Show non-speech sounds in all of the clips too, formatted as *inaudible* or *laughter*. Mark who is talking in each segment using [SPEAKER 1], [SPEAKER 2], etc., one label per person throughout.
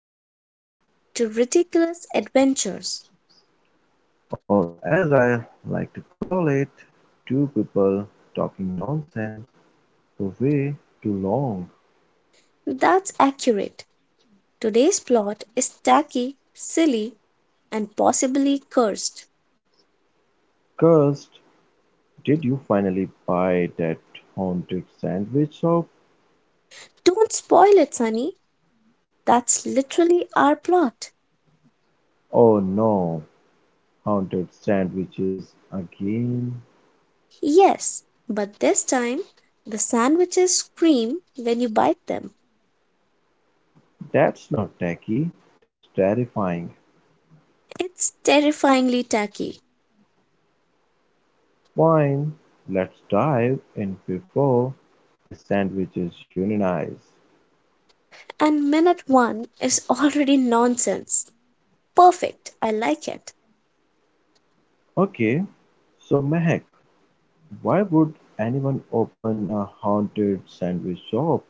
[SPEAKER 1] everyone, to Ridiculous Adventures.
[SPEAKER 2] Or as I like to call it, two people talking nonsense for way too long.
[SPEAKER 1] That's accurate. Today's plot is tacky, silly, and possibly cursed.
[SPEAKER 2] Cursed, did you finally buy that haunted sandwich shop?
[SPEAKER 1] Don't spoil it, Sunny. That's literally our plot.
[SPEAKER 2] Oh no, haunted sandwiches again.
[SPEAKER 1] Yes, but this time the sandwiches scream when you bite them.
[SPEAKER 2] That's not tacky, that's terrifying.
[SPEAKER 1] It's terrifyingly tacky,
[SPEAKER 2] Fine, let's dive in before the sandwiches unionize.
[SPEAKER 1] and minute one is already nonsense. Perfect, I like it.
[SPEAKER 2] Okay, so Mehak, why would anyone open a haunted sandwich shop?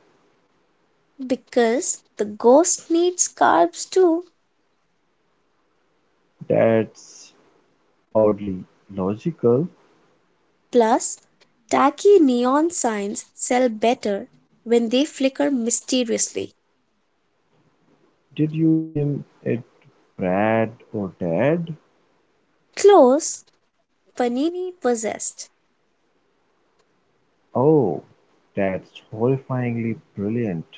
[SPEAKER 1] Because the ghost needs carbs too.
[SPEAKER 2] That's oddly logical.
[SPEAKER 1] Plus, tacky neon signs sell better when they flicker mysteriously.
[SPEAKER 2] Did you name it Brad or Dad?
[SPEAKER 1] Close, panini possessed.
[SPEAKER 2] Oh, that's horrifyingly brilliant.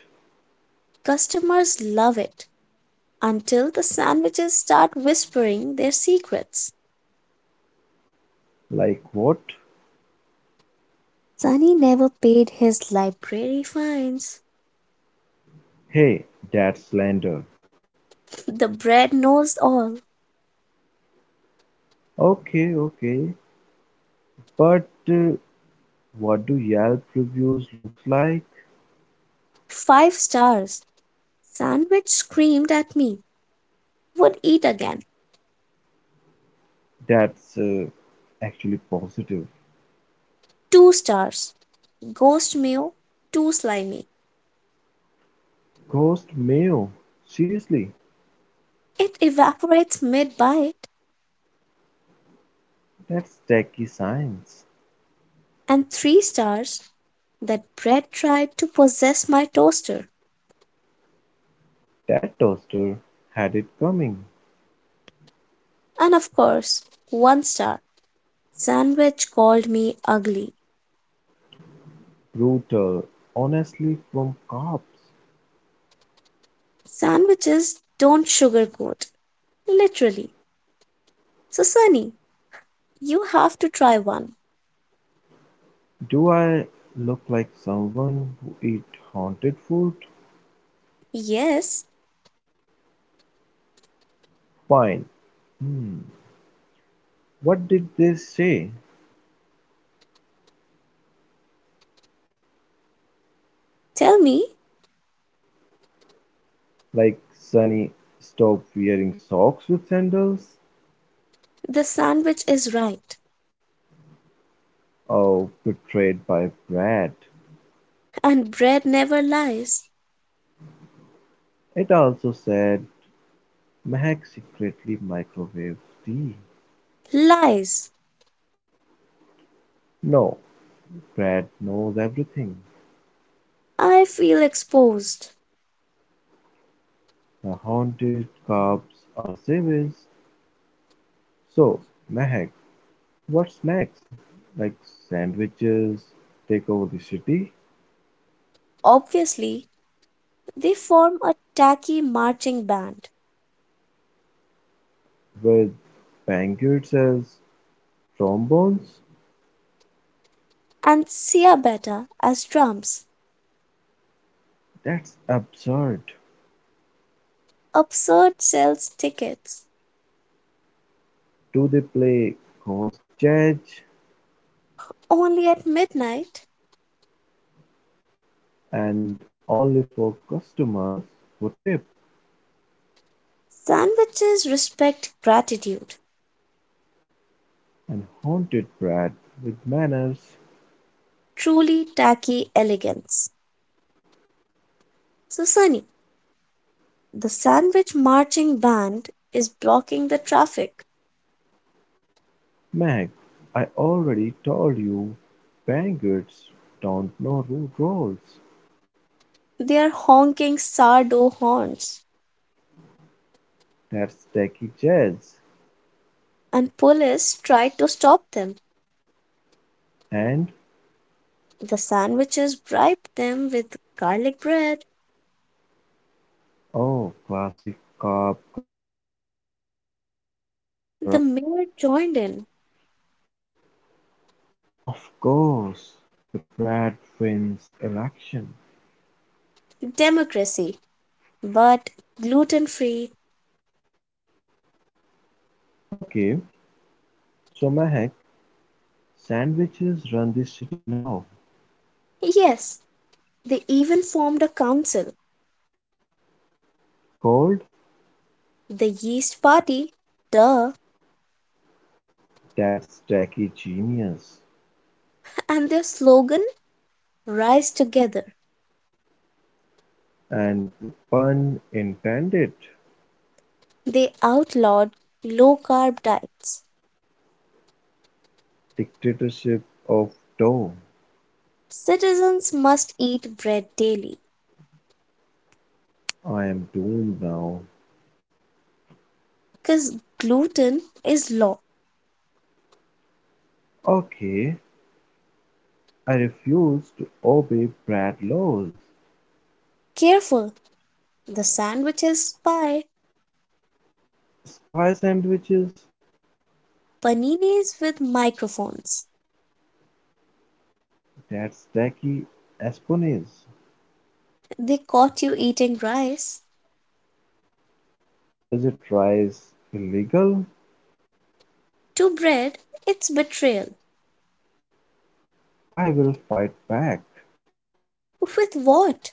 [SPEAKER 1] Customers love it until the sandwiches start whispering their secrets.
[SPEAKER 2] Like what?
[SPEAKER 1] Sunny never paid his library fines.
[SPEAKER 2] Hey, that's slander.
[SPEAKER 1] *laughs* The bread knows all.
[SPEAKER 2] Okay, okay. But what do Yelp reviews look like?
[SPEAKER 1] Five stars. Sandwich screamed at me. Would eat again.
[SPEAKER 2] That's actually positive.
[SPEAKER 1] Two stars. Ghost meal. Too slimy.
[SPEAKER 2] Ghost mayo. Seriously,
[SPEAKER 1] It evaporates mid bite.
[SPEAKER 2] that's techie science.
[SPEAKER 1] And three stars, that Bread tried to possess my toaster,
[SPEAKER 2] That toaster had it coming,
[SPEAKER 1] and of course one star. Sandwich called me ugly.
[SPEAKER 2] brutal honestly from cops.
[SPEAKER 1] Sandwiches don't sugarcoat, literally. So, Sunny, you have to try one.
[SPEAKER 2] Do I look like someone who eats haunted food?
[SPEAKER 1] Yes,
[SPEAKER 2] Fine. Hmm. What did they say?
[SPEAKER 1] tell me.
[SPEAKER 2] Like Sunny, stop wearing socks with sandals?
[SPEAKER 1] The sandwich is right,
[SPEAKER 2] Oh, betrayed by Brad.
[SPEAKER 1] and Bread never lies.
[SPEAKER 2] It also said Mac secretly microwaves tea.
[SPEAKER 1] Lies!
[SPEAKER 2] No, Brad knows everything.
[SPEAKER 1] I feel exposed.
[SPEAKER 2] The haunted cops are savage. So, Mehak, what's next? Like sandwiches take over the city
[SPEAKER 1] Obviously, they form a tacky marching band
[SPEAKER 2] with banquets as trombones?
[SPEAKER 1] and Sia Beta as drums.
[SPEAKER 2] That's absurd.
[SPEAKER 1] Absurd sells tickets
[SPEAKER 2] Do they play ghost jazz
[SPEAKER 1] only at midnight.
[SPEAKER 2] and only for customers who tip
[SPEAKER 1] Sandwiches respect gratitude.
[SPEAKER 2] and haunted brat with manners?
[SPEAKER 1] Truly tacky elegance. So, Sunny, the sandwich marching band is blocking the traffic.
[SPEAKER 2] Mehak, I already told you banquets don't know rules.
[SPEAKER 1] They are honking sourdough horns,
[SPEAKER 2] That's tacky jazz
[SPEAKER 1] and police try to stop them.
[SPEAKER 2] and
[SPEAKER 1] The sandwiches bribed them with garlic bread.
[SPEAKER 2] oh, classic carp corruption.
[SPEAKER 1] The mayor joined in.
[SPEAKER 2] Of course, the brat wins election.
[SPEAKER 1] Democracy, but gluten free.
[SPEAKER 2] Okay, so Mahek, sandwiches run this city now.
[SPEAKER 1] Yes, they even formed a council.
[SPEAKER 2] Cold?
[SPEAKER 1] The Yeast Party, duh,
[SPEAKER 2] That's tacky genius.
[SPEAKER 1] and their slogan, "Rise Together."
[SPEAKER 2] And the pun intended.
[SPEAKER 1] They outlawed low carb diets.
[SPEAKER 2] Dictatorship of dough.
[SPEAKER 1] Citizens must eat bread daily,
[SPEAKER 2] I am doomed now.
[SPEAKER 1] 'cause gluten is law.
[SPEAKER 2] Okay, I refuse to obey Brad laws.
[SPEAKER 1] Careful, the sandwiches spy,
[SPEAKER 2] Spy sandwiches?
[SPEAKER 1] paninis with microphones.
[SPEAKER 2] That's tacky espionage.
[SPEAKER 1] They caught you eating rice.
[SPEAKER 2] Is it rice illegal?
[SPEAKER 1] To bread, it's betrayal.
[SPEAKER 2] I will fight back.
[SPEAKER 1] With what?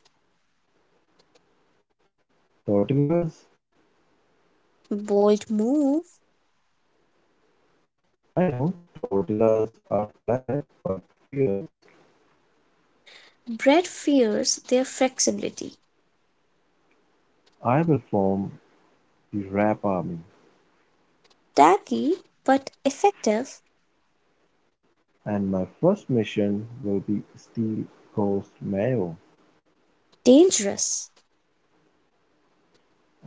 [SPEAKER 2] Tortillas?
[SPEAKER 1] Bold move.
[SPEAKER 2] I know tortillas are flat but fierce.
[SPEAKER 1] Bread fears their flexibility.
[SPEAKER 2] I will form the Rap Army,
[SPEAKER 1] Tacky but effective.
[SPEAKER 2] and my first mission will be steal ghost mayo.
[SPEAKER 1] Dangerous.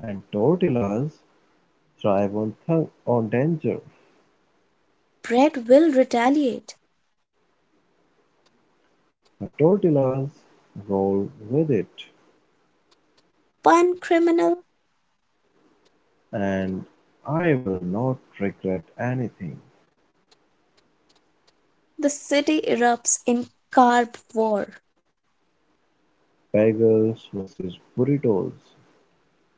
[SPEAKER 2] And tortillas thrive on danger.
[SPEAKER 1] Bread will retaliate.
[SPEAKER 2] The tortillas roll with it,
[SPEAKER 1] One criminal,
[SPEAKER 2] and I will not regret anything.
[SPEAKER 1] the city erupts in carb war.
[SPEAKER 2] Bagels versus burritos.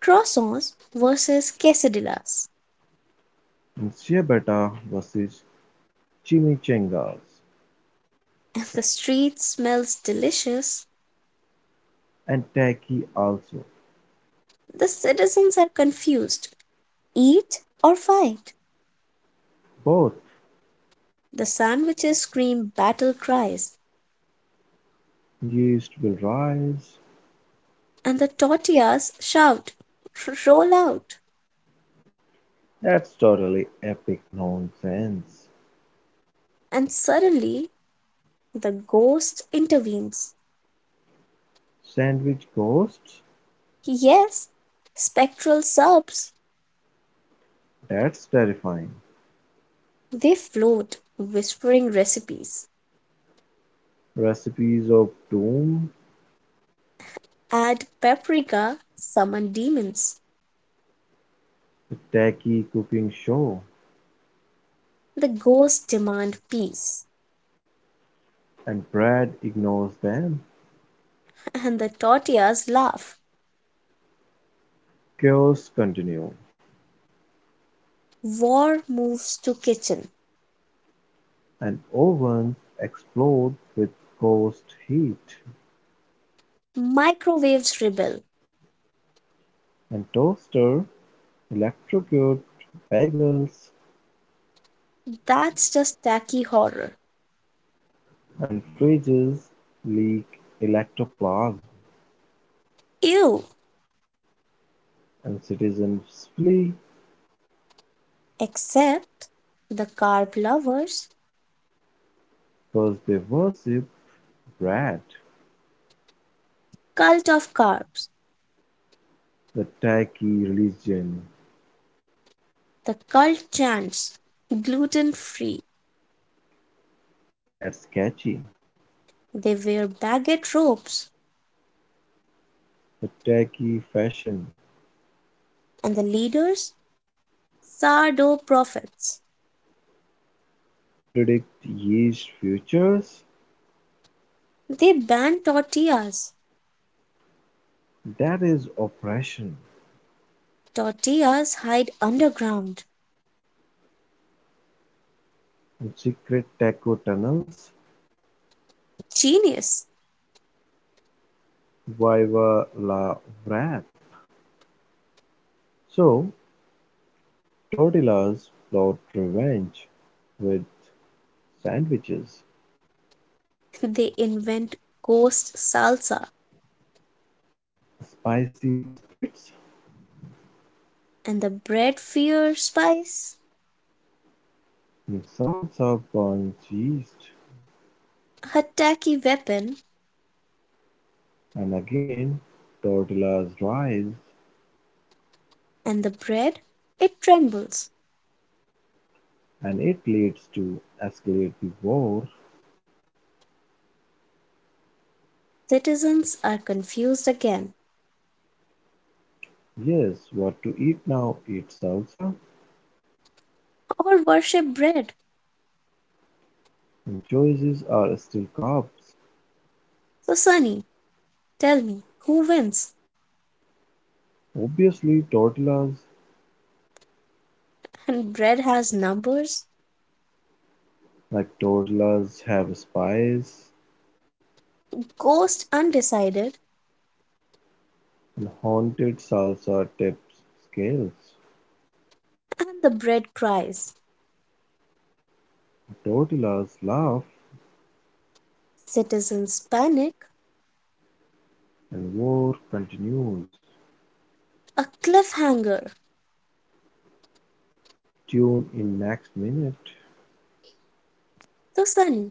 [SPEAKER 1] Croissants versus quesadillas.
[SPEAKER 2] Ciabatta versus chimichangas
[SPEAKER 1] And the street smells delicious.
[SPEAKER 2] and Taki also,
[SPEAKER 1] The citizens are confused. Eat or fight.
[SPEAKER 2] both
[SPEAKER 1] The sandwiches scream battle cries.
[SPEAKER 2] yeast will rise.
[SPEAKER 1] And the tortillas shout, roll out.
[SPEAKER 2] That's totally epic nonsense.
[SPEAKER 1] And suddenly the ghost intervenes.
[SPEAKER 2] Sandwich ghosts?
[SPEAKER 1] Yes, spectral subs.
[SPEAKER 2] That's terrifying.
[SPEAKER 1] They float, whispering recipes.
[SPEAKER 2] Recipes of doom?
[SPEAKER 1] Add paprika, summon demons.
[SPEAKER 2] The Taki cooking show.
[SPEAKER 1] The ghosts demand peace,
[SPEAKER 2] And Brad ignores them.
[SPEAKER 1] and the tortillas laugh.
[SPEAKER 2] Chaos continue.
[SPEAKER 1] War moves to kitchen.
[SPEAKER 2] And ovens explode with ghost heat.
[SPEAKER 1] Microwaves rebel.
[SPEAKER 2] And toaster electrocute bagels.
[SPEAKER 1] That's just tacky horror.
[SPEAKER 2] And fridges leak electoplasm,
[SPEAKER 1] Ew!
[SPEAKER 2] and citizens flee
[SPEAKER 1] Except the carb lovers,
[SPEAKER 2] because they worship bread.
[SPEAKER 1] cult of carbs,
[SPEAKER 2] The tacky religion,
[SPEAKER 1] the cult chants, gluten free.
[SPEAKER 2] that's catchy.
[SPEAKER 1] They wear baguette robes,
[SPEAKER 2] The tacky fashion.
[SPEAKER 1] and the leaders, sourdough prophets.
[SPEAKER 2] Predict yeast futures.
[SPEAKER 1] They ban tortillas.
[SPEAKER 2] That is oppression.
[SPEAKER 1] Tortillas hide underground.
[SPEAKER 2] And secret taco tunnels.
[SPEAKER 1] Genius!
[SPEAKER 2] Viva la wrap. So, tortillas plot revenge with sandwiches,
[SPEAKER 1] They invent ghost salsa
[SPEAKER 2] spicy spirits.
[SPEAKER 1] and the bread fear spice.
[SPEAKER 2] The salsa burns yeast
[SPEAKER 1] A tacky weapon.
[SPEAKER 2] and again tortillas rise
[SPEAKER 1] And the bread? It trembles.
[SPEAKER 2] and it leads to escalate the war.
[SPEAKER 1] Citizens are confused again,
[SPEAKER 2] Yes, what to eat now? Eat salsa?
[SPEAKER 1] or worship bread.
[SPEAKER 2] And choices are still carbs.
[SPEAKER 1] So, Sunny, tell me, who wins?
[SPEAKER 2] Obviously tortillas,
[SPEAKER 1] And bread has numbers,
[SPEAKER 2] like tortillas have spice
[SPEAKER 1] ghost undecided,
[SPEAKER 2] and haunted salsa tips scales.
[SPEAKER 1] and the bread cries.
[SPEAKER 2] Tortillas laugh
[SPEAKER 1] Citizens panic.
[SPEAKER 2] and war continues.
[SPEAKER 1] A cliffhanger.
[SPEAKER 2] Tune in next minute.
[SPEAKER 1] So, Sunny,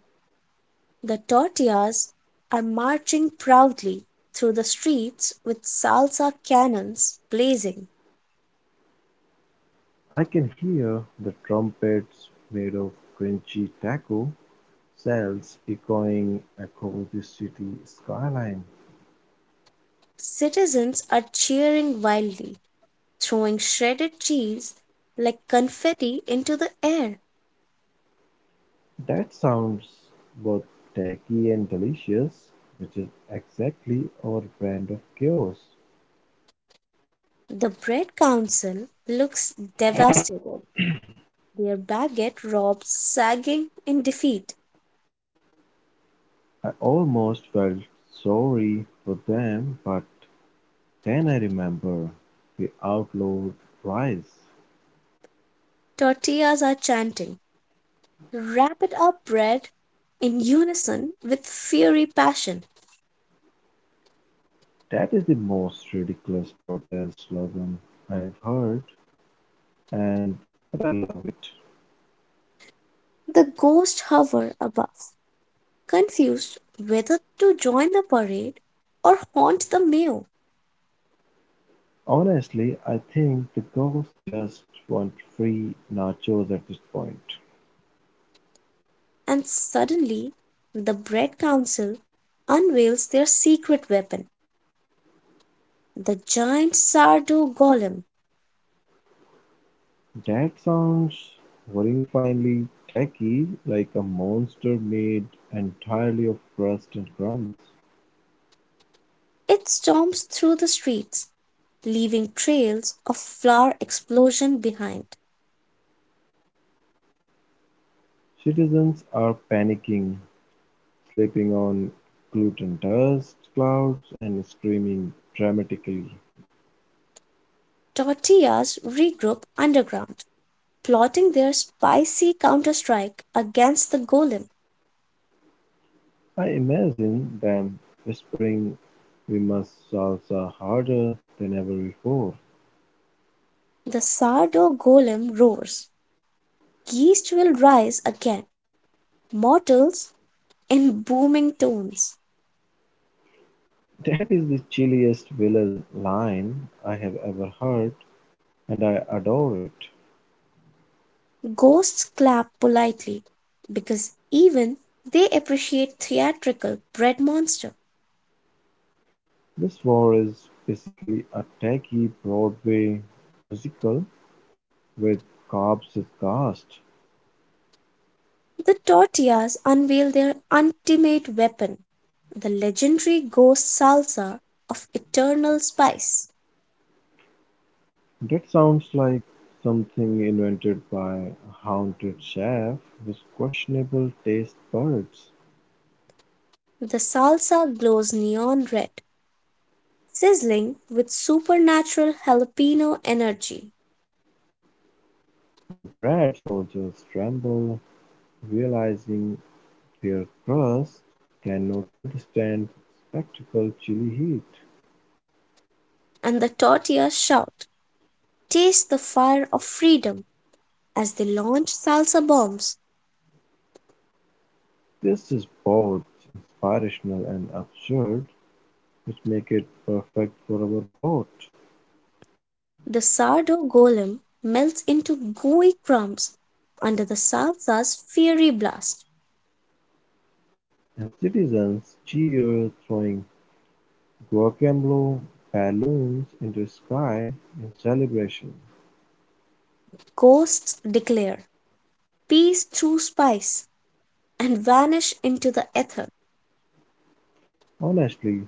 [SPEAKER 1] the tortillas are marching proudly through the streets with salsa cannons blazing.
[SPEAKER 2] I can hear the trumpets made of crunchy taco shells echoing across the city skyline.
[SPEAKER 1] Citizens are cheering wildly, throwing shredded cheese like confetti into the air.
[SPEAKER 2] That sounds both tacky and delicious, which is exactly our brand of chaos.
[SPEAKER 1] The bread council looks devastated, their baguette robes sagging in defeat.
[SPEAKER 2] I almost felt sorry for them, but then I remember the outlawed rice.
[SPEAKER 1] Tortillas are chanting, "Wrap it up, bread!" in unison with fiery passion.
[SPEAKER 2] That is the most ridiculous protest slogan I have heard, and but I love it.
[SPEAKER 1] The ghosts hover above, confused whether to join the parade or haunt the mayor,
[SPEAKER 2] Honestly, I think the girls just want free nachos at this point.
[SPEAKER 1] and suddenly the Bread Council unveils their secret weapon, the giant sourdough golem.
[SPEAKER 2] That sounds horrifyingly tacky, like a monster made entirely of crust and crumbs.
[SPEAKER 1] It storms through the streets, leaving trails of flour explosion behind.
[SPEAKER 2] Citizens are panicking, slipping on gluten dust clouds and screaming dramatically.
[SPEAKER 1] Tortillas regroup underground, plotting their spicy counterstrike against the golem.
[SPEAKER 2] I imagine them whispering, we must salsa harder than ever before.
[SPEAKER 1] The sourdough golem roars, "Yeast will rise again. Mortals!" in booming tones.
[SPEAKER 2] That is the chilliest villain line I have ever heard, and I adore it.
[SPEAKER 1] Ghosts clap politely because even they appreciate theatrical bread monster.
[SPEAKER 2] This war is basically a tacky Broadway musical with cops as ghosts.
[SPEAKER 1] The tortillas unveil their ultimate weapon, the legendary ghost salsa of eternal spice.
[SPEAKER 2] That sounds like something invented by a haunted chef with questionable taste buds.
[SPEAKER 1] The salsa glows neon red, sizzling with supernatural jalapeno energy,
[SPEAKER 2] And Brad soldiers tremble, realizing their crust cannot withstand the spectacle chili heat.
[SPEAKER 1] and the tortillas shout, "Taste the fire of freedom," as they launch salsa bombs.
[SPEAKER 2] This is both inspirational and absurd, which make it perfect for our plot.
[SPEAKER 1] The sourdough golem melts into gooey crumbs under the salsa's fiery blast.
[SPEAKER 2] And citizens cheer, throwing guacamole balloons into the sky in celebration.
[SPEAKER 1] Ghosts declare peace through spice, and vanish into the ether.
[SPEAKER 2] Honestly,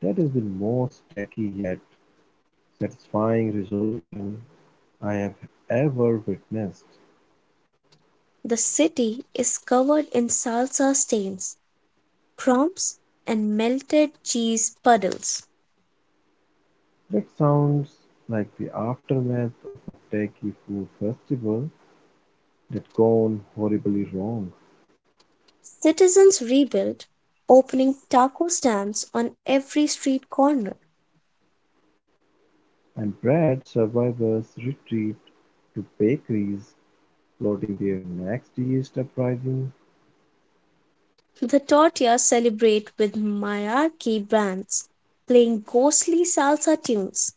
[SPEAKER 2] that is the most tacky yet satisfying resolution I have ever witnessed.
[SPEAKER 1] The city is covered in salsa stains, crumbs, and melted cheese puddles.
[SPEAKER 2] That sounds like the aftermath of a tacky food festival that gone horribly wrong.
[SPEAKER 1] Citizens rebuild, opening taco stands on every street corner.
[SPEAKER 2] And bread survivors retreat to bakeries, plotting their next yeast uprising.
[SPEAKER 1] The tortillas celebrate with mariachi bands playing ghostly salsa tunes.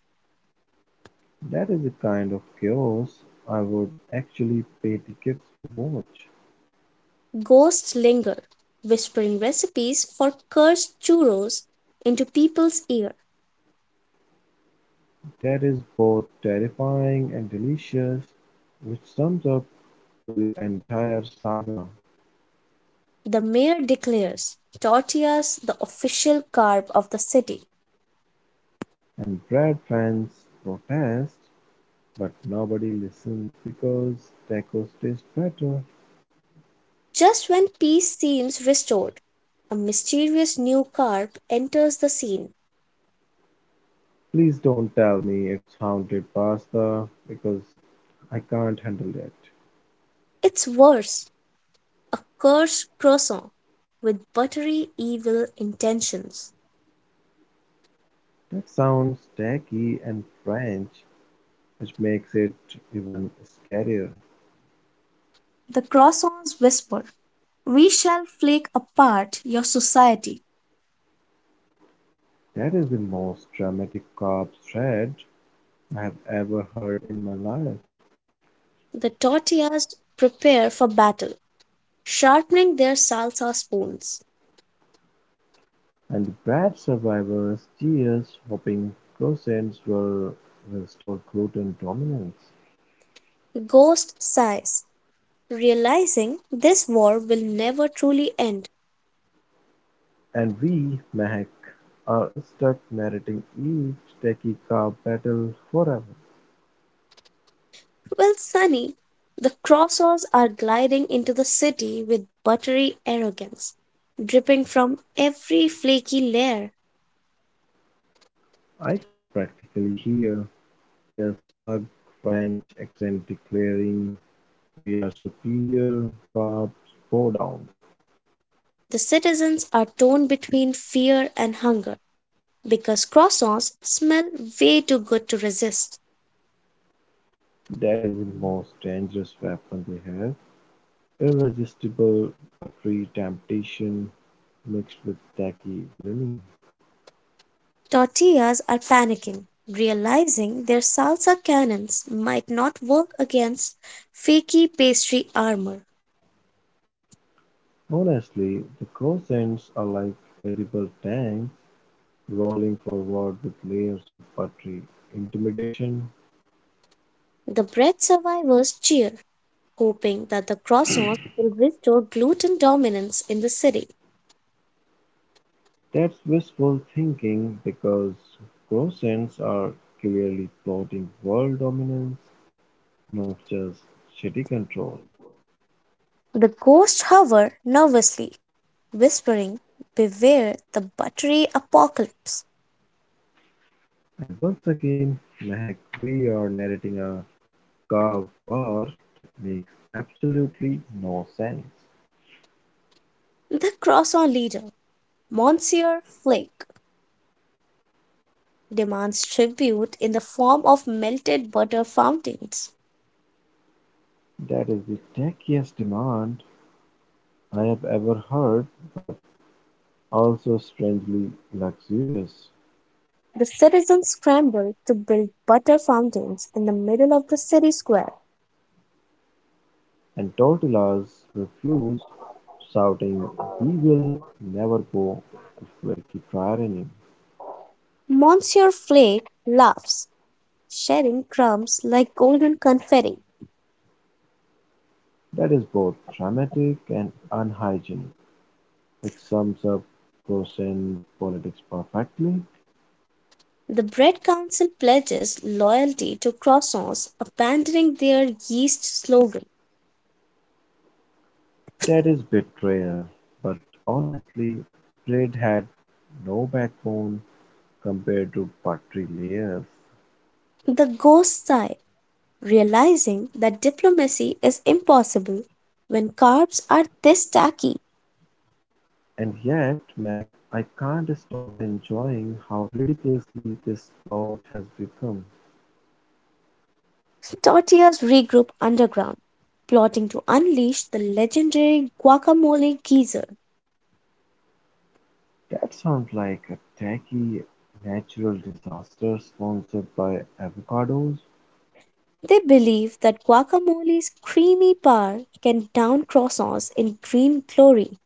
[SPEAKER 2] That is a kind of chaos I would actually pay tickets to watch.
[SPEAKER 1] Ghosts linger, whispering recipes for cursed churros into people's ear.
[SPEAKER 2] That is both terrifying and delicious, which sums up to the entire saga.
[SPEAKER 1] The mayor declares tortillas the official carb of the city.
[SPEAKER 2] And bread fans protest, but nobody listens because tacos taste better.
[SPEAKER 1] Just when peace seems restored, a mysterious new carb enters the scene.
[SPEAKER 2] Please don't tell me it's haunted pasta because I can't handle it.
[SPEAKER 1] It's worse, a cursed croissant with buttery evil intentions.
[SPEAKER 2] That sounds tacky and French, which makes it even scarier.
[SPEAKER 1] The croissants whisper, "We shall flake apart your society."
[SPEAKER 2] That is the most dramatic corpse thread I have ever heard in my life,
[SPEAKER 1] The tortillas prepare for battle, sharpening their salsa spoons.
[SPEAKER 2] and the bad survivors' tears hoping croissants will restore gluten dominance.
[SPEAKER 1] Ghost sighs, realizing this war will never truly end.
[SPEAKER 2] And we, Mehak, are stuck narrating each tacky carb battle forever.
[SPEAKER 1] Well, Sunny, the crossers are gliding into the city with buttery arrogance, dripping from every flaky layer.
[SPEAKER 2] I can practically hear their smug French accent declaring, "We're superior, cops, bow down!"
[SPEAKER 1] The citizens are torn between fear and hunger because croissants smell way too good to resist.
[SPEAKER 2] That is the most dangerous weapon they have: irresistible buttery temptation mixed with tacky villainy.
[SPEAKER 1] Tortillas are panicking, realizing their salsa cannons might not work against flaky pastry armor.
[SPEAKER 2] Honestly, the croissants are like edible tanks, rolling forward with layers of buttery intimidation.
[SPEAKER 1] The bread survivors cheer, hoping that the croissants will restore gluten dominance in the city.
[SPEAKER 2] That's wishful thinking because Kroatians are clearly plotting world dominance, not just city control.
[SPEAKER 1] The ghosts hover nervously, whispering, "Beware the buttery apocalypse."
[SPEAKER 2] And once again, Mehak, we are narrating a car war that makes absolutely no sense.
[SPEAKER 1] The croissant leader, Monsieur Flake, demands tribute in the form of melted butter fountains.
[SPEAKER 2] That is the techiest demand I have ever heard, but also strangely luxurious.
[SPEAKER 1] The citizens scrambled to build butter fountains in the middle of the city square.
[SPEAKER 2] And tortillas refused, shouting, we will never go to flaky tyranny.
[SPEAKER 1] Monsieur Flake laughs, sharing crumbs like golden confetti.
[SPEAKER 2] That is both dramatic and unhygienic, which sums up Croatian politics perfectly.
[SPEAKER 1] The bread council pledges loyalty to croissants, abandoning their yeast slogan.
[SPEAKER 2] That is betrayal, but honestly, Braid had no backbone compared to buttery layers.
[SPEAKER 1] The ghosts sigh, realizing that diplomacy is impossible when carbs are this tacky.
[SPEAKER 2] And yet, Meg, I can't stop enjoying how ridiculously this plot has become.
[SPEAKER 1] Tortillas regroup underground, plotting to unleash the legendary guacamole geyser.
[SPEAKER 2] That sounds like a tacky natural disaster sponsored by avocados.
[SPEAKER 1] They believe that guacamole's creamy power can down croissants in green glory.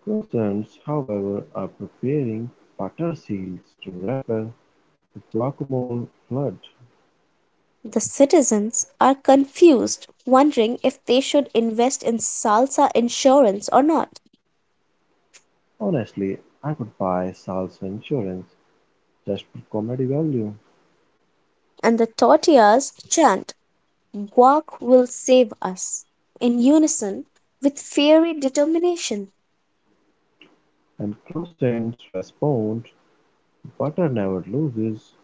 [SPEAKER 2] Croissants, however, are preparing butter seals to repel the guacamole flood.
[SPEAKER 1] The citizens are confused, wondering if they should invest in salsa insurance or not.
[SPEAKER 2] Honestly, I would buy salsa insurance just for comedy value.
[SPEAKER 1] And the tortillas chant, "Guac will save us," in unison with fiery determination.
[SPEAKER 2] And croissants respond, butter never loses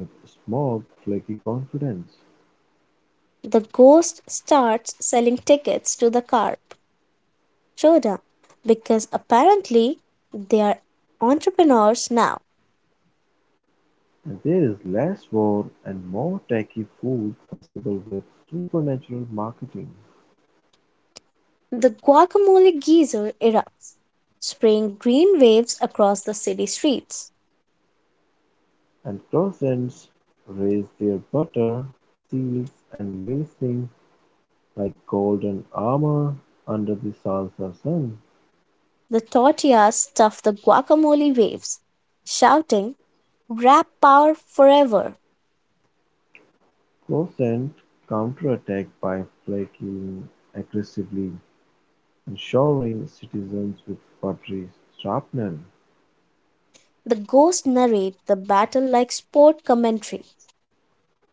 [SPEAKER 2] with smug, flaky confidence.
[SPEAKER 1] The ghost starts selling tickets to the carp, Choda, because apparently they are entrepreneurs now.
[SPEAKER 2] And there is less war and more tacky food festival with supernatural marketing.
[SPEAKER 1] The guacamole geyser erupts, spraying green waves across the city streets.
[SPEAKER 2] And crossets raise their butter, seals and glistening like golden armor under the Salsa sun.
[SPEAKER 1] The tortillas stuff the guacamole waves, shouting, "Rap power forever!"
[SPEAKER 2] Crossets counterattack by flaking aggressively and showering citizens with buttery shrapnel.
[SPEAKER 1] The ghosts narrate the battle like sport commentary,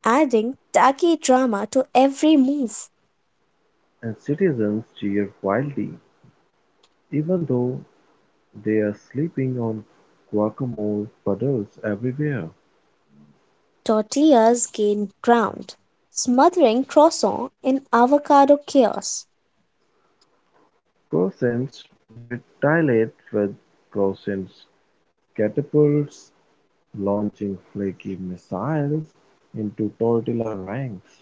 [SPEAKER 1] adding tacky drama to every move.
[SPEAKER 2] And citizens cheer wildly, even though they are sleeping on guacamole puddles everywhere.
[SPEAKER 1] Tortillas gain ground, smothering croissant in avocado chaos.
[SPEAKER 2] Crossets retaliate with crossets catapults launching flaky missiles into tortilla ranks.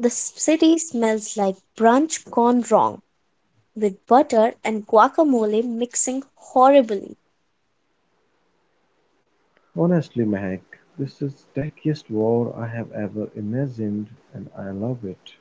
[SPEAKER 1] The city smells like brunch gone wrong, with butter and guacamole mixing horribly.
[SPEAKER 2] Honestly, Mac, this is the tackiest war I have ever imagined and I love it.